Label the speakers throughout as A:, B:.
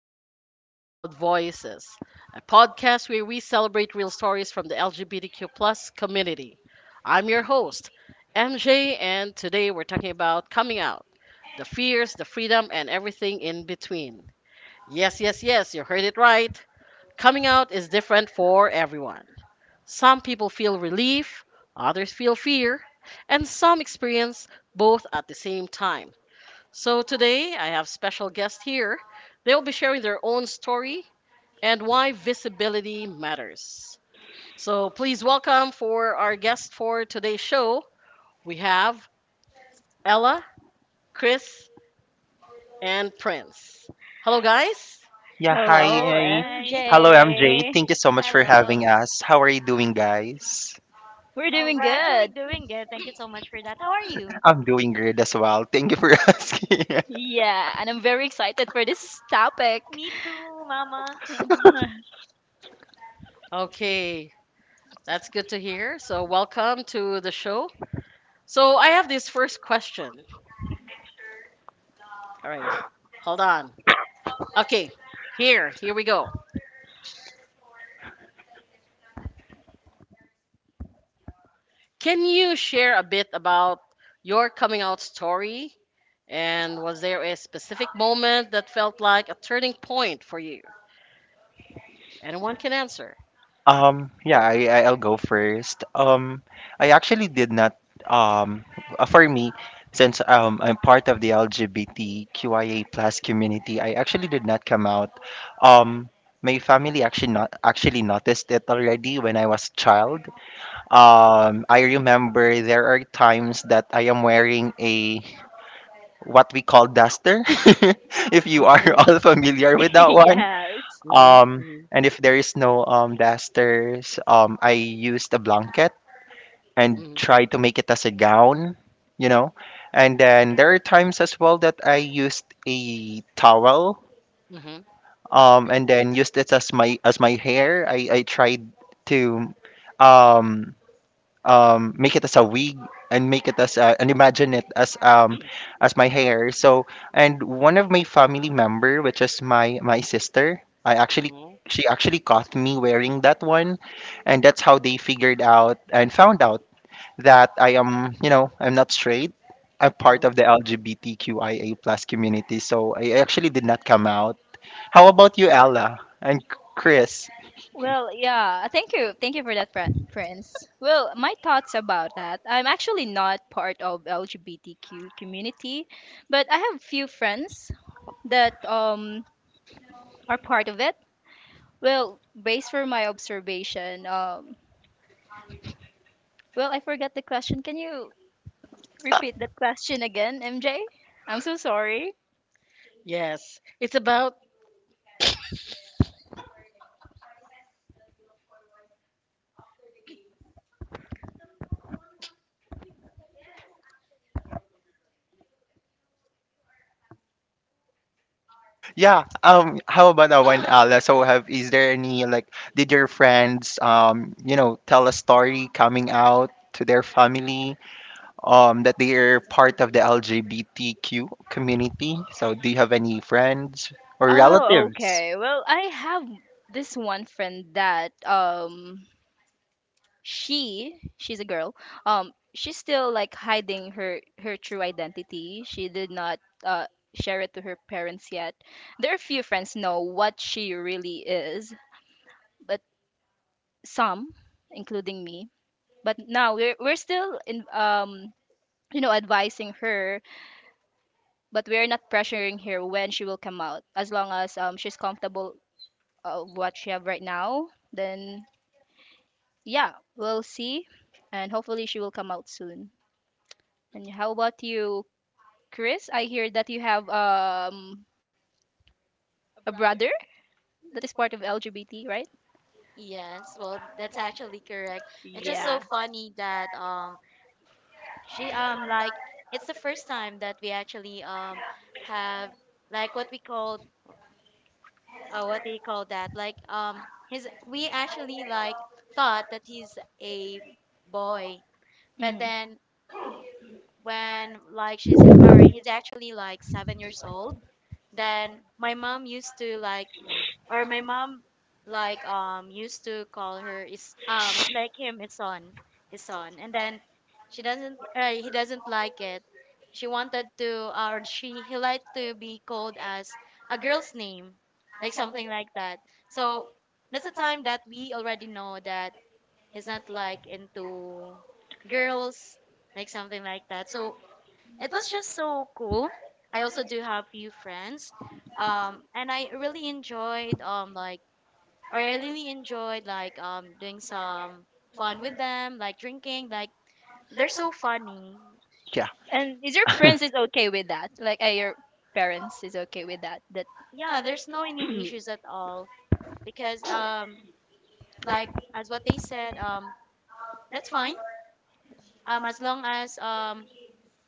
A: welcome to Proud Voices, a podcast where we celebrate real stories from the LGBTQ plus community. I'm your host, MJ, and today we're talking about coming out, the fears, the freedom, and everything in between. Yes, yes, yes, you heard it right. Coming out is different for everyone. Some people feel relief, others feel fear, and some experience both at the same time. So today I have special guests here. They'll be sharing their own story and why visibility matters. So please welcome for our guest for today's show, we have Ella, Chris, and Prince. Hello guys.
B: Yeah, hi,
C: Hello,
B: hi.
D: Hi.
B: Hello, MJ.
C: MJ.
B: Thank you so much for
D: Hello.
B: having us. How are you doing, guys?
C: We're
D: Oh,
C: doing
D: we're actually
C: good.
D: doing good. Thank you so much for that. How are you?
B: I'm doing great as well. Thank you for asking.
C: Yeah, and I'm very excited for this topic.
D: Me too, Mama.
A: Okay, that's good to hear. So welcome to the show. So I have this first question. All right. Hold on. Okay. Here we go. Can you share a bit about your coming out story? And was there a specific moment that felt like a turning point for you? Anyone can answer.
B: Yeah, I'll go first. I actually did not, um, for me, since I'm part of the LGBTQIA plus community. I actually did not come out. Um, my family actually not actually noticed it already when I was a child. I remember there are times that I am wearing a what we call duster, if you are
A: Mhm,
B: all familiar with that one.
C: yes.
A: mhm, mhm,
B: And if there is no dusters, I used a blanket and
A: mhm,
B: try to make it as a gown, you know. And then there are times as well that I used a towel,
A: mhm,
B: and then used it as my hair. I tried to um make it as a wig and make it as a, and imagine it as my hair. So and one of my family member, which is my sister, I actually
A: mhm,
B: she actually caught me wearing that one, and that's how they figured out and found out that I am, you know, I'm not straight. I'm part
A: mhm.
B: of the LGBTQIA plus community, so I actually did not come out. How about you, Ella and Chris?
C: Well, yeah, thank you. Thank you for that, Prince. Well, my thoughts about that. I'm actually not part of LGBTQ community, but I have few friends that are part of it. Well, based from my observation, I forgot the question. Can you repeat that question again, MJ? I'm so sorry.
A: Yes, it's about.
B: Yeah. How about that one, Ala? So, have is there any like did your friends you know tell a story coming out to their family that they are part of the LGBTQ community? So, do you have any friends or
C: Oh,
B: relatives?
C: okay. Well, I have this one friend that she's a girl. She's still like hiding her true identity. She did not share it to her parents yet. There are few friends know what she really is, but some, including me. But now we're still in advising her, but we're not pressuring her when she will come out. As long as she's comfortable of what she have right now, then yeah, we'll see. And hopefully she will come out soon. And how about you, Chris? I hear that you have a brother that is part of LGBT, right?
D: Yes, well, that's actually correct. It's just so
C: Yeah.
D: funny that she like it's the first time that we actually have like what we call what do you call that? Like his we actually like thought that he's a boy. But
C: Hmm.
D: then when like she's or he's actually like 7 years old, then my mom used to like or my mom like used to call her is like him Ison Ison, and then she doesn't he doesn't like it. She wanted to or she he liked to be called as a girl's name, like something like that. So that's the time that we already know that he's not like into girls, like something like that. So it was just so cool. I also do have few friends, and I really enjoyed like or I really enjoyed like doing some fun with them, like drinking. Like they're so funny.
B: Yeah.
C: And is your parents is okay with that? Like, are your parents is okay with that? That
D: Yeah, there's no any issues at all because like as what they said, that's fine, as long as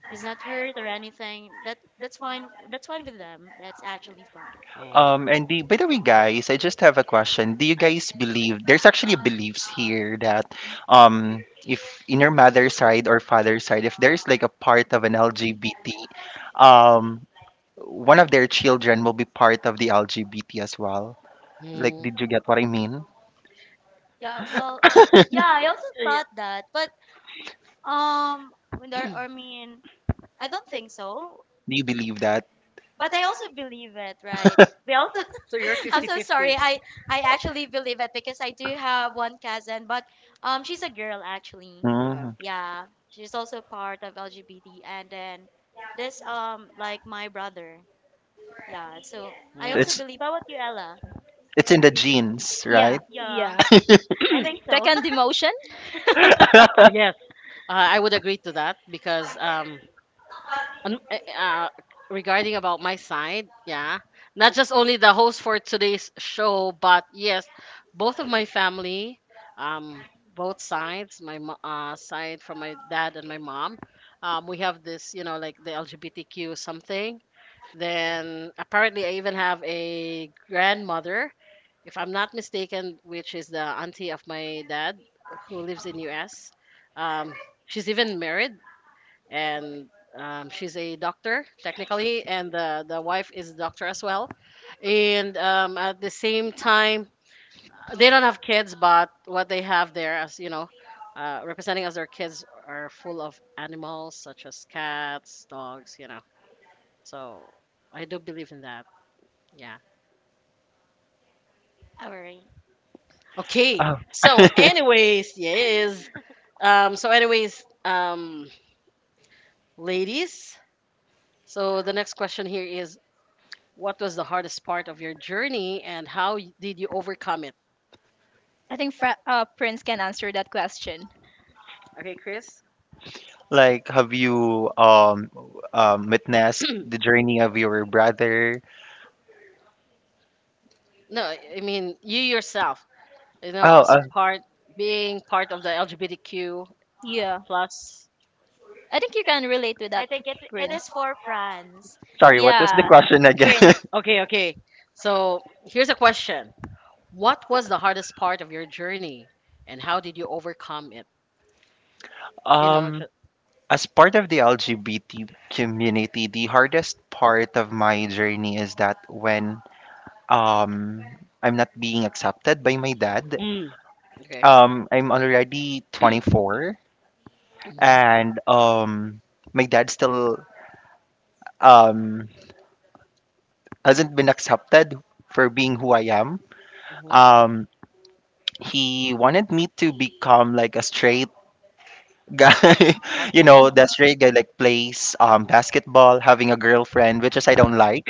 D: he's not hurt or anything, that that's fine with them. That's actually fine.
A: Mm.
B: And by the way, guys, I just have a question. Do you
A: I.
B: guys believe there's actually beliefs here that if in your mother's side or father's side if there's like a part of an LGBT, um one of their children will be part of the LGBT as well. Like,
A: Mm,
B: did you get what I mean? Do
D: Yeah, well, yeah, I also
A: yeah,
D: thought that, but when there, I mean, I don't think so,
B: you believe that?
D: but I also believe it, right? We also,
A: so you're
D: I'm so sorry.
A: fifty-fifty.
D: I actually believe it because I do have one cousin, but she's a girl actually.
A: Uh-huh.
B: Mm.
D: Yeah, she's also part of LGBT, and then this like my brother. Yeah, so I
B: So
A: Mm.
D: also
B: it's
D: believe. How about you, Ella?
B: it's in the genes,
C: yeah,
B: right?
D: Yeah,
C: yeah,
D: I think so.
C: second demotion?
A: Yes, I would agree to that because And uh, regarding about my side, yeah, not just only the host for today's show, but yes, both of my family, um, both sides, my side from my dad and my mom, we have this, you know, like the LGBTQ something. Then apparently, I even have a grandmother, if I'm not mistaken, which is the auntie of my dad who lives in US. Um, she's even married and she's a doctor technically, and the wife is a doctor as well. And at the same time, they don't have kids, but what they have there, as you know, representing as their kids, are full of animals such as cats, dogs, you know. So I do believe in that. Yeah.
D: All right.
A: Okay.
B: Oh.
A: So, anyways, yes. So, anyways, ladies. So the next question here is, what was the hardest part of your journey and how did you overcome it?
C: I think Prince can answer that question.
B: Like, have you witnessed the journey of your brother?
A: No, I mean you yourself, you know,
B: Oh,
A: as part being part of the LGBTQ
C: Yeah,
A: plus.
C: I think you can relate with
D: I
C: that,
D: think it it is
C: Prince.
D: for France.
B: sorry. What was the
C: Yeah.
B: question again?
C: Prince.
A: Okay, okay. So here's a question. What was the hardest part of your journey and how did you overcome it? You know,
B: um,
A: just,
B: as part of the LGBT community, the hardest part of my journey is that when um I'm not being accepted by my dad.
A: mm, okay.
B: I'm already 24,
A: Hmm.
B: and my dad still um hasn't been accepted for being who I am.
A: Hmm.
B: Um he wanted me to become like a straight guy, you
A: Okay.
B: know, the straight guy like plays basketball, having a girlfriend, which is I don't like.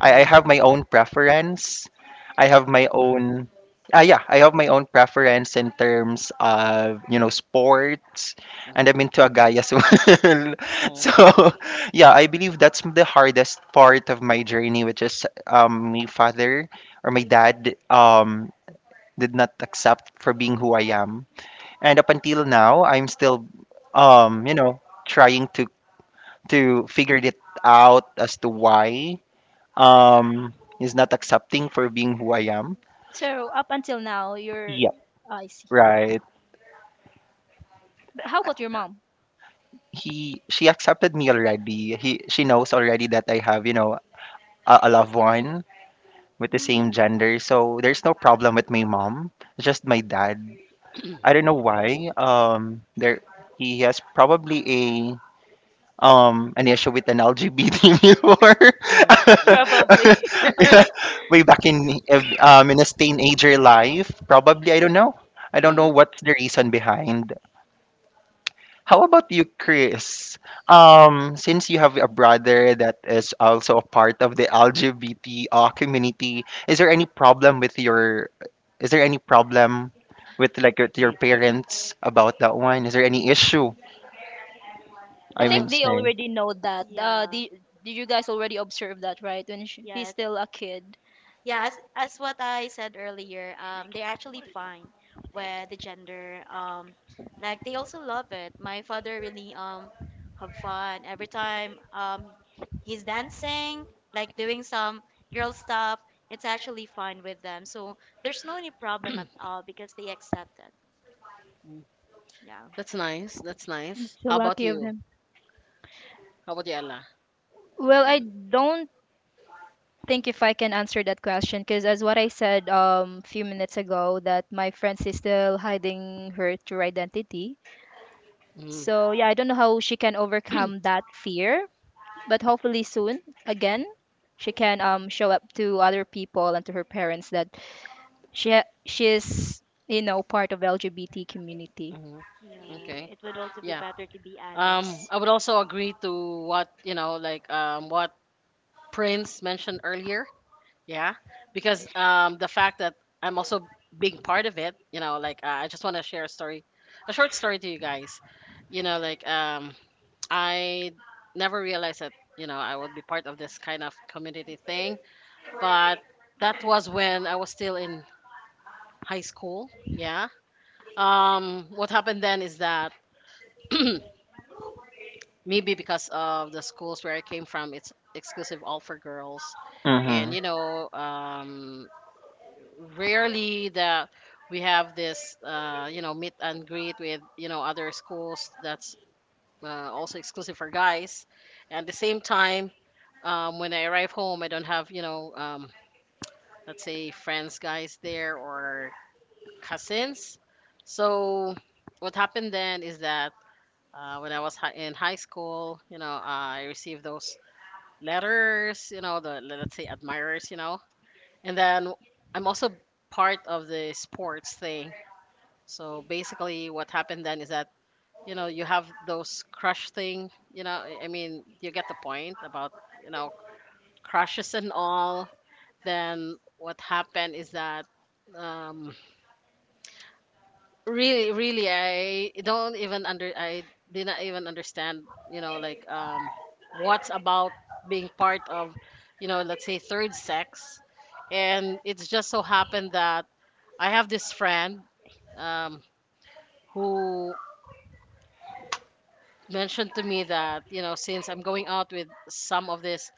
B: I
A: Hmm.
B: have my own preference. I have
A: Hmm.
B: my own yeah, I have my own preference in terms of, you know, sports, and I'm
A: Hmm.
B: into a guy as well.
A: Mm.
B: So yeah, I believe that's the hardest part of my journey, which is my father or my dad did not accept for being who I am. And up until now I'm still, you know, trying to figure it out as to why um is not accepting for being who I am.
C: So up until now, you're.
B: Yep.
C: Oh, I see.
B: Right.
C: But how about your mom?
B: He she accepted me already. He she knows already that I have, you know, a loved one with the same gender. So there's no problem with my mom, just my dad.
A: Mm.
B: I don't know why. There He has probably a an issue with an LGBT before.
A: Mm.
C: Probably.
B: Yeah, way back in his teenager life, probably I don't know. I
A: Mm.
B: don't know
A: Mm.
B: what's the reason behind. How about you, Chris? Since you have a brother that is also a part of the LGBT, community, is there any problem with your? Is there any problem with like with your parents about that one? Is there any issue?
C: I
B: I
C: think
B: mean,
D: Well,
C: they
B: say.
C: already know that.
D: yeah,
C: Did you guys already observe that, right? When sh he's
D: yes.
C: still a kid.
D: Yeah, as what I said earlier, they're actually fine with the gender. Like they also love it. My father really have fun every time he's dancing, like doing some girl stuff. It's actually fine with them, so there's no any problem at all because they accept it.
A: Mm.
D: Yeah.
A: That's nice. That's nice.
C: So
A: How about
C: lucky of
A: you?
C: him.
A: How about you, Ella?
C: Well, I don't think if I can answer that question because as what I said few minutes ago that my friend is still hiding her true identity.
A: Mm-hmm.
C: So yeah, I don't know how she can overcome that fear, but hopefully soon again she can
D: Mhm.
C: show up to other people and to her parents that she she's you know part of LGBT community.
A: Hmm.
D: Yeah,
A: Okay.
D: it would also be
A: Yeah.
D: better to be honest.
A: I would also agree to what you know, like what Prince mentioned earlier. Yeah, because the fact that I'm also being part of it, you know, like I just want to share a story, a short story to you guys. You know, like I never realized that you know I would be part of this kind of community thing, but that was when I was still in high school. Yeah. What happened then is that maybe because of the schools where I came from, it's exclusive all for girls,
B: Mm-hmm.
A: and you know, rarely that we have this, you know, meet and greet with you know other schools that's also exclusive for guys. And at the same time, when I arrive home, I don't have you know, let's say friends, guys there or cousins. So what happened then is that when I was in high school, you know, I received those letters, you know, the let's say admirers, you know. And then I'm also part of the sports thing. So basically, what happened then is that you know you have those crush thing, you know. I mean, you get the point about you know crushes and all. Then what happened is that um, really I did not even understand you know like what's about being part of you know let's say third sex, and it's just so happened that I have this friend um who mentioned to me that you know since I'm going out with some of this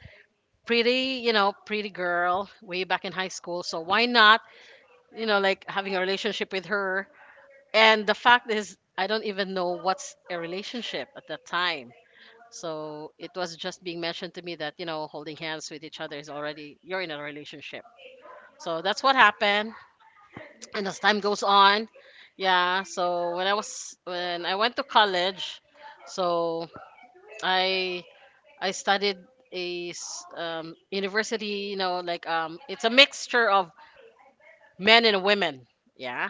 A: pretty you know pretty girl way back in high school, so why not you know like having a relationship with her. And the fact is, I don't even know what's a relationship at that time. So it was just being mentioned to me that, you know, holding hands with each other is already, you're in a relationship. So that's what happened. And as time goes on, yeah. So when I went to college, so I, I studied a university, you know, like, it's a mixture of men and women. Yeah.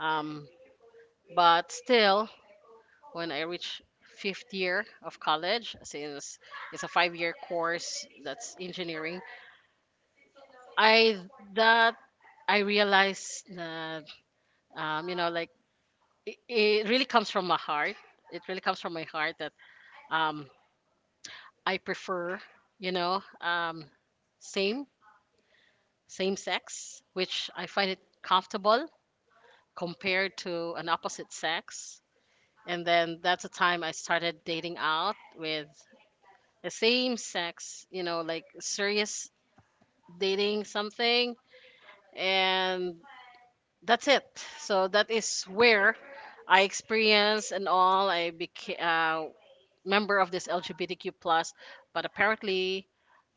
A: Um, but still when I reached fifth year of college, since it's a 5-year course that's engineering. I that I realized that you know like it really comes from my heart. It really comes from my heart that um, I prefer you know same same sex, which I find it comfortable compared to an opposite sex. And then that's the time I started dating out with the same sex, you know, like serious dating something, and that's it. So that is where I experienced and all. I became member of this LGBTQ plus, but apparently,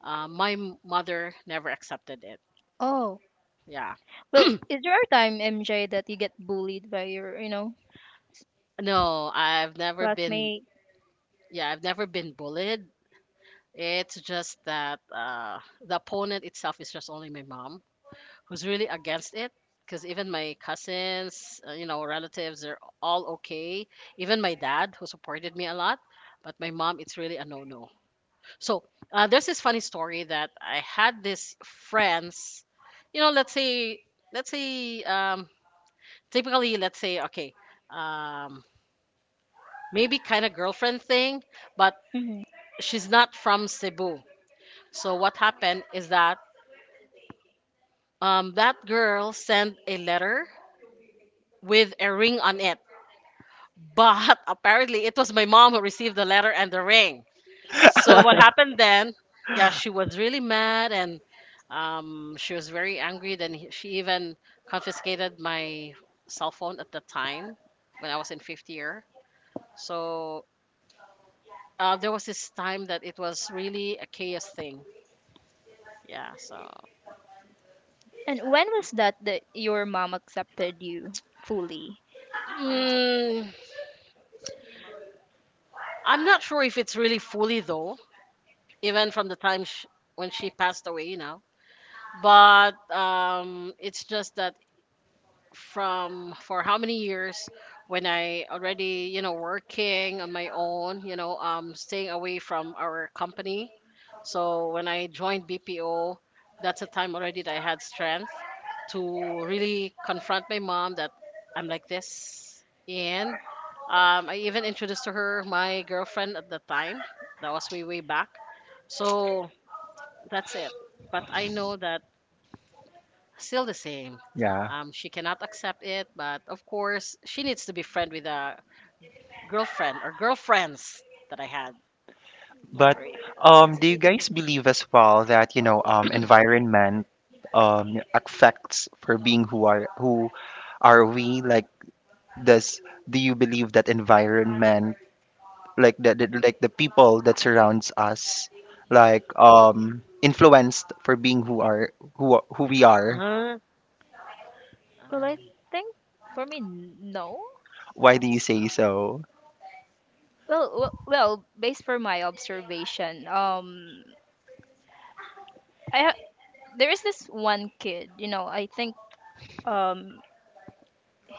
A: my mother never accepted it.
C: Oh
A: Yeah,
C: well, is there a time MJ that you get bullied by your
A: no, I've never been.
C: classmate?
A: Yeah, I've never been bullied. It's just that the opponent itself is just only my mom who's really against it, because even my cousins, you know, relatives, they're all okay, even my dad who supported me a lot, but my mom, it's really a no-no. So there's this funny story that I had this friends, you know, let's say, let's say um, typically let's say okay, um, maybe kind of girlfriend thing, but
C: Hmm.
A: she's not from Cebu. So what happened is that that girl sent a letter with a ring on it. But apparently, it was my mom who received the letter and the ring. So what happened then? Yeah, she was really mad and she was very angry. Then she even confiscated my cell phone at the time when I was in fifth year. So there was this time that it was really a chaos thing. Yeah, so
C: And when was that that your mom accepted you fully?
A: mm, I'm not sure if it's really fully though, even from the time sh when she passed away, you know. But it's just that from for how many years, when I already, you know, working on my own, you know, staying away from our company. So when I joined BPO, that's a time already that I had strength to really confront my mom that I'm like this. And I even introduced to her my girlfriend at the time. That was way, way back. So that's it. But I know that still the same.
B: Yeah.
A: She cannot accept it, but of course, she needs to be friend with a girlfriend or girlfriends that I had.
D: Yeah,
B: But
A: Or,
D: that's
B: do you
D: good to hear.
B: guys believe as well that you know environment affects for being who are we? Like, does do you believe that environment, like the people that surrounds us, like influenced for being who we are?
A: huh?
C: Well, I
A: Um,
C: think for me no.
B: Why do you say so?
C: Well, based for my observation, I ha- there is this one kid. You know, I think um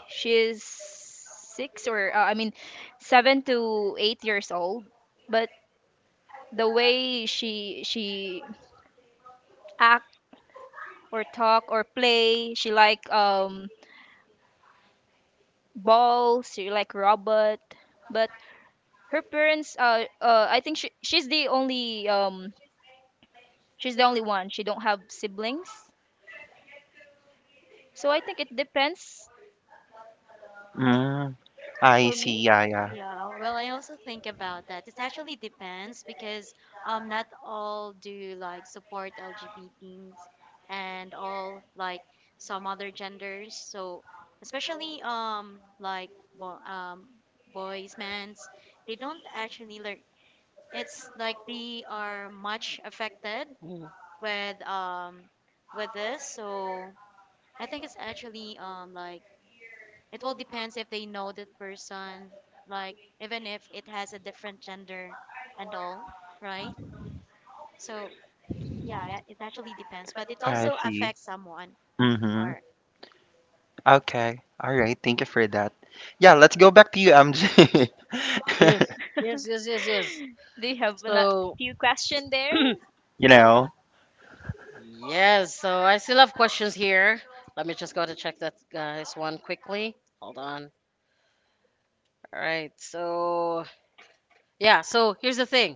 C: she is six or I mean, 7 to 8 years old. But the way she act or talk or play, she like balls, she like robot. But her parents, I think she's the only she's the only one. She don't have siblings, so I think it depends
B: Mm, I
C: for me.
B: see. Yeah,
D: Yeah, well, I also think about that. It actually depends because not
B: yeah.
D: all do like support LGB T's, and all like some other genders. So especially like bo boys, mans, they don't actually like it's like they are much affected
A: mm,
D: with um with this. So I think it's actually like it will depends if they know that person, like even if it has a different gender and all, right? So yeah, yeah, it actually depends, but it
B: I
D: also
B: see.
D: affects someone
B: Mm-hmm.
D: or
B: Okay. All right. Thank you for that. Yeah, let's go back to you, MJ.
A: yeah. Yes, yes, yes, yes.
C: Do you have a
A: So,
C: few question there?
B: You know,
A: yes, so I still have questions here. Let me just go to check that, guys, one quickly. Hold on. All right, so, yeah, so here's the thing.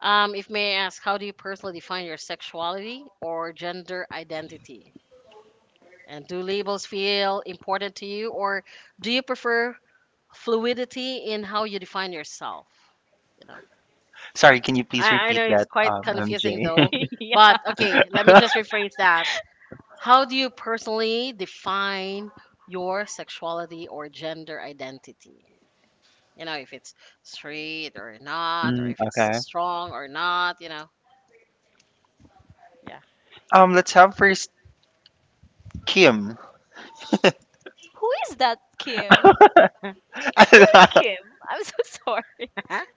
A: If may I ask, how do you personally define your sexuality or gender identity? And do labels feel important to you, or do you prefer fluidity in how you define yourself? You know,
B: sorry, can you please
A: I
B: repeat
A: know it's
B: that,
A: quite confusing
B: MJ?
A: though,
C: yeah.
A: but okay, let me just rephrase that. How do you personally define your sexuality or gender identity? You know, if it's straight or not, or
B: Mm,
A: if it's
B: okay.
A: strong or not, you know,
B: Let's have first Kim.
C: Who is that, Kim? Kim. I'm so sorry.
A: yeah.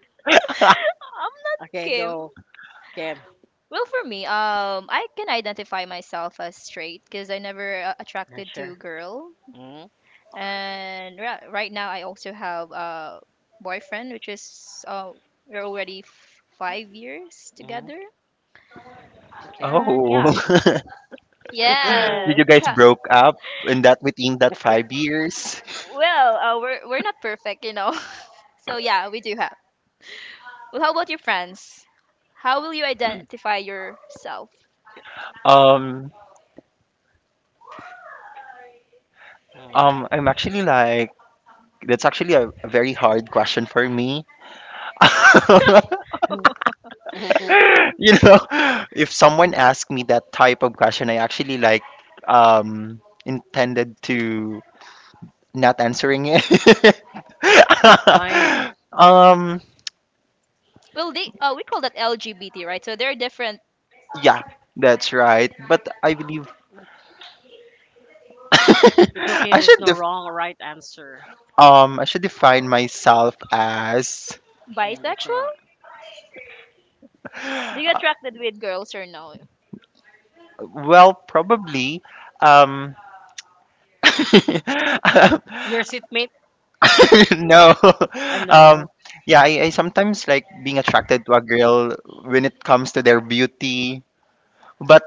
C: I'm not
A: Okay,
C: Kim.
A: go, Kim.
C: Well, for me, I can identify myself as straight because I never
A: Not
C: attracted
A: sure.
C: to girl,
A: Mm,
C: and right now I also have a boyfriend, which is we're already 5 years together,
A: okay.
C: and
B: Oh.
C: yeah,
B: Did
C: yes.
B: you guys broke up in that within that 5 years?
C: Well, we're not perfect, you know. so yeah, we do have. Well, how about your friends? How will you identify yourself?
B: Um, I'm actually like that's actually a very hard question for me. You know, if someone asked me that type of question, I actually like intended to not answering it.
A: Why?
B: um,
C: Well, they we call that LGBT, right? So they're different
B: yeah, that's right. But I believe
A: It's okay.
B: I
A: There's
B: should
A: no
B: def-
A: wrong or right answer.
B: I should define myself as
A: I mean, there's no
C: bisexual.
A: wrong.
C: Do you attracted with girls or no?
B: well probably um
A: Your seatmate?
B: no.
A: I
B: Um,
A: know.
B: yeah, I sometimes like being attracted to a girl when it comes to their beauty, but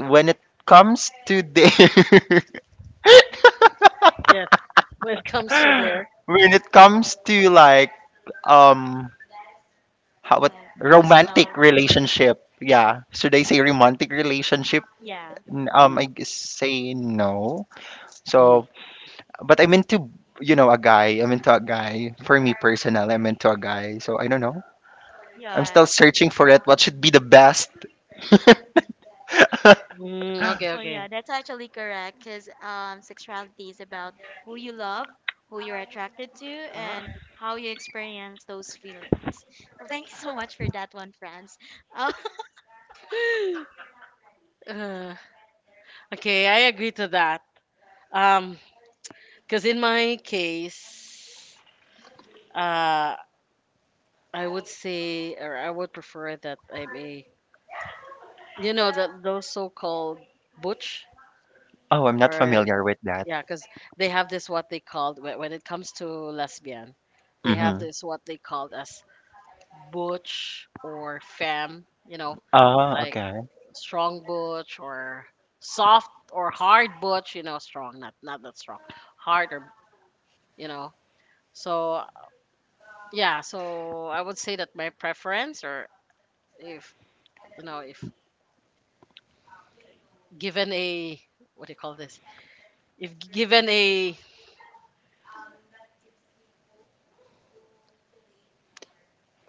B: when it comes to their
A: Yes. When it comes to there.
B: when it comes to like um how what
D: like
B: romantic
D: personal your
B: relationship, yeah. Should I say romantic relationship?
D: yeah.
A: Mm,
B: Say no.
A: mm,
B: So, but I'm into you know a guy. I'm into a guy. For me personal, I'm into a guy. So I don't know. I'm
D: Yeah,
B: still searching for it. What should be the best?
A: mm, okay,
D: oh
A: okay.
D: yeah, that's actually correct because sexuality is about who you love, who you're attracted to,
A: Uh,
D: and how you experience those feelings. Well, thank you so much for that one, Franz. Oh,
A: uh, okay, I agree to that. Um, because in my case, uh, I would say, or I would prefer that I'm a, you know, that those so-called butch,
B: Oh, I'm not
A: or
B: familiar with that.
A: yeah, because they have this what they called when it comes to lesbian, they have
B: Mm-hmm.
A: this what they called as butch or femme, you know,
B: Oh,
A: like
B: okay.
A: strong butch or soft or hard butch, you know, strong, not that strong, hard or you know. So yeah, so I would say that my preference, or if you know, if given a what do you call this, if given a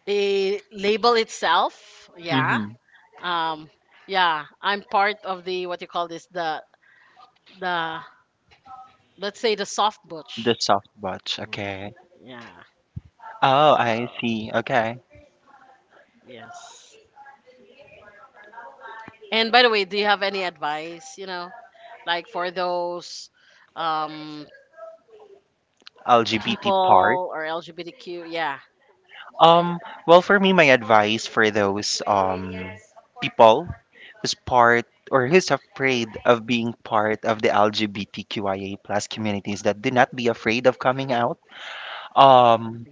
A: a label itself, yeah,
B: Mm-hmm.
A: um, yeah, I'm part of the what do you call this, the let's say the soft
B: The
A: butch,
B: soft watch. Okay.
A: yeah.
B: Oh, I
A: So
B: see. Okay.
A: yes. And by the way, do you have any advice, you know, like for those um
B: LGBT part.
A: people or LGBTQ? Yeah.
B: Um, well, for me, my advice for those people who's part or who's afraid of being part of the LGBTQIA plus communities that do not be afraid of coming out. Um,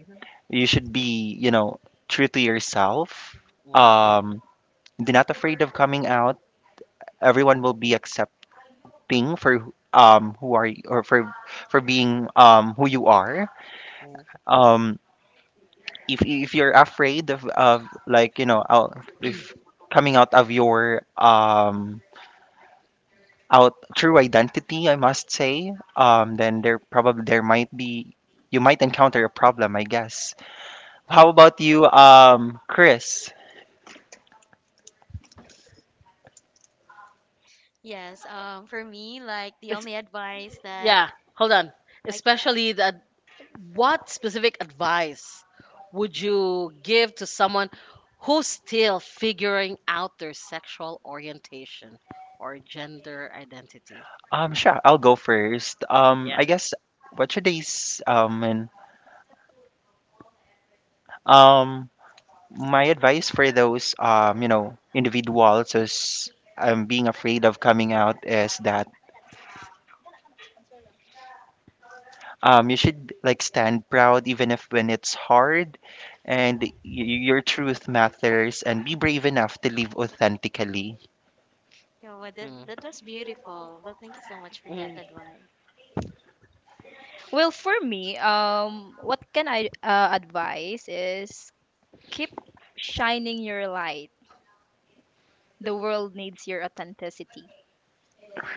B: you should be, you know, true to yourself. Um, They're not afraid of coming out. Everyone will be accepting for who are you, or for being who you are. Um, if you're afraid of like you know out if coming out of your out true identity, I must say, then there probably there might be you might encounter a problem, I guess. How about you, Chris?
D: yes, for me, like the
A: It's,
D: only advice that
A: yeah. Hold on.
D: I can,
A: Especially that what specific advice would you give to someone who's still figuring out their sexual orientation or gender identity?
B: Sure, I'll go first.
A: Yeah.
B: I guess what should they s- and um my advice for those, you know, individuals who's, being afraid of coming out is that, you should like stand proud even if when it's hard and your truth matters and be brave enough to live authentically
D: you know, what, that was beautiful. Well, thank you so much for that advice.
C: Well, for me, what can I advise is keep shining your light. The world needs your authenticity.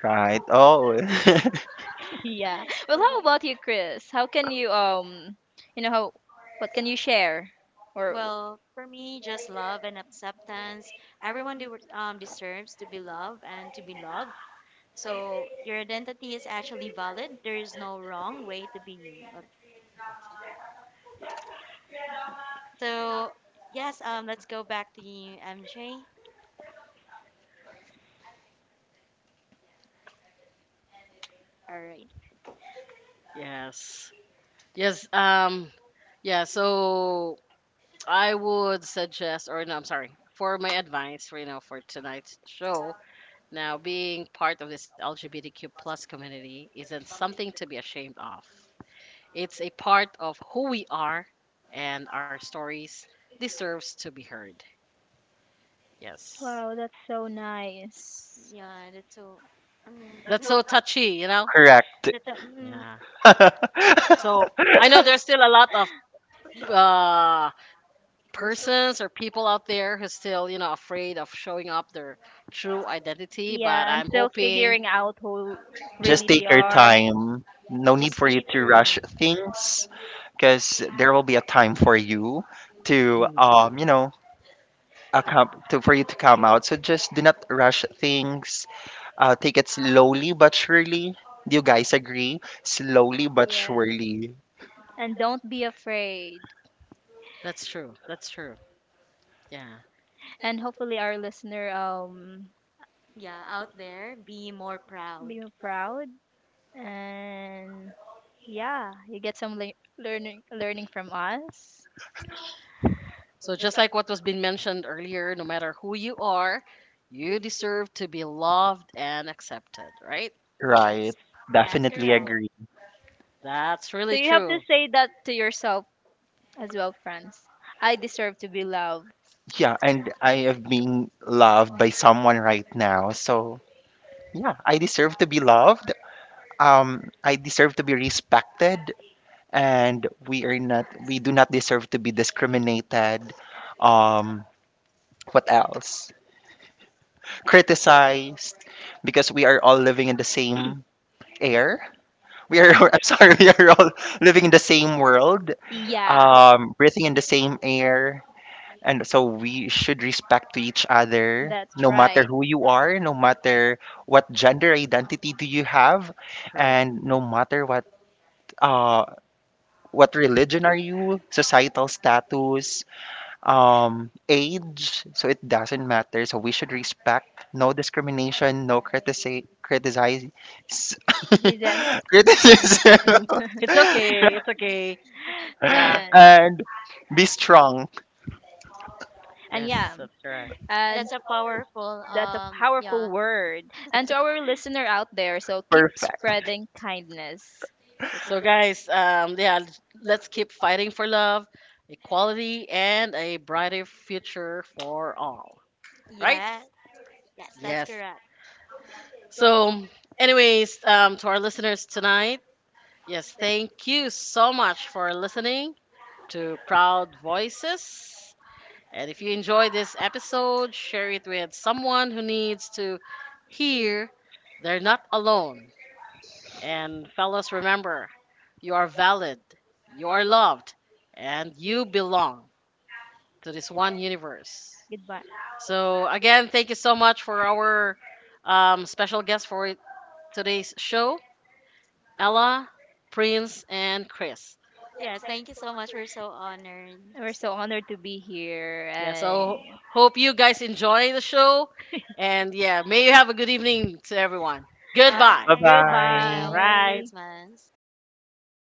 B: right oh
C: yeah. Well,
D: Well,
C: how
D: that-
C: about you, Chris? How can you you know how, what can you share? Or
D: well, for me, just love and acceptance. Everyone de- um, deserves to be loved and to be loved. So your identity is actually valid. There is no wrong way to be you. So yes, let's go back to you, MJ. All right.
A: Yes. Yes, yeah, so I would suggest, or no, I'm sorry, for my advice for you know for tonight's show. Now, being part of this LGBTQ plus community isn't something to be ashamed of. It's a part of who we are, and our stories deserves to be heard. Yes,
C: wow, that's so nice.
D: Yeah, that's so. Um,
A: that's so touchy, you know.
B: correct
D: that's so. Mm.
A: Yeah. So I know there's still a lot of uh, persons or people out there who's still you know afraid of showing up their true identity, but
C: Yeah, and
A: I'm
C: still
A: hoping.
C: figuring out who
B: just
C: really they
B: take your
D: Yeah.
C: are.
B: time, no need
D: Just
B: for you
D: be
B: to rush
D: true.
B: things because there will be a time for you to you know for you to come out. So just do not rush things. Take it slowly but surely. Do you guys agree? Slowly but
C: Yeah.
B: surely,
C: And don't be afraid.
A: That's true. That's true. Yeah.
C: And hopefully our listener
D: Yeah, out there, be more proud.
C: be proud and yeah, you get some learning from us.
A: So just like what was being mentioned earlier, no matter who you are, you deserve to be loved and accepted, right?
B: right?
D: Yes. That's
B: Definitely
D: correct.
A: True.
B: agree.
A: That's
C: So
A: really
C: you have to
A: true.
C: say that to yourself as well, friends. I deserve to be loved.
B: Yeah, and I am being loved by someone right now. So yeah, I deserve to be loved. I deserve to be respected, and we are not. We do not deserve to be discriminated. Um, what else? Criticized, because we are all living in the same air. We are,
A: Yeah,
B: I'm sorry, we are all living in the same world,
C: Yeah,
D: Yeah.
B: breathing in the same air. And so we should respect to each other,
C: that's
B: no matter
C: right.
B: who you are, no matter what gender identity do you have,
A: true.
B: and no matter uh, what religion are you, societal status, age, so it doesn't matter. So we should respect, no discrimination, no critici- criticize,
C: This is them.
B: criticism,
A: Criticism. It's okay. It's okay. Yeah.
C: and
B: and be strong.
C: and
A: Yes,
C: yeah,
A: that's correct.
C: and
D: That's a powerful,
C: that's a powerful
D: yeah.
C: word. And to our listener out there, so keep
B: Perfect.
C: spreading kindness. Bec-
A: So guys, yeah, let's keep fighting for love, equality and a brighter future for all, right?
D: Yeah. Yes, that's
A: Yes.
D: correct.
A: So anyways, to our listeners tonight, yes, thank you so much for listening to Proud Voices. And if you enjoy this episode, share it with someone who needs to hear they're not alone. And fellas, remember, you are valid, you are loved, and you belong to this one universe.
C: Goodbye.
A: So, again, thank you so much for our special guest for today's show, Ella, Prince, and Chris.
D: Yes, thank you so much. We're so honored.
C: We're so honored to be here
A: Yeah,
D: Thank
A: so
C: and
A: hope you guys enjoy the show. And yeah, may you have a good evening to everyone.
D: you.
A: Goodbye.
B: Bye
D: Bye. Goodbye for now.
B: bye.
D: Merry
A: Right.
C: goodbye.
D: Christmas.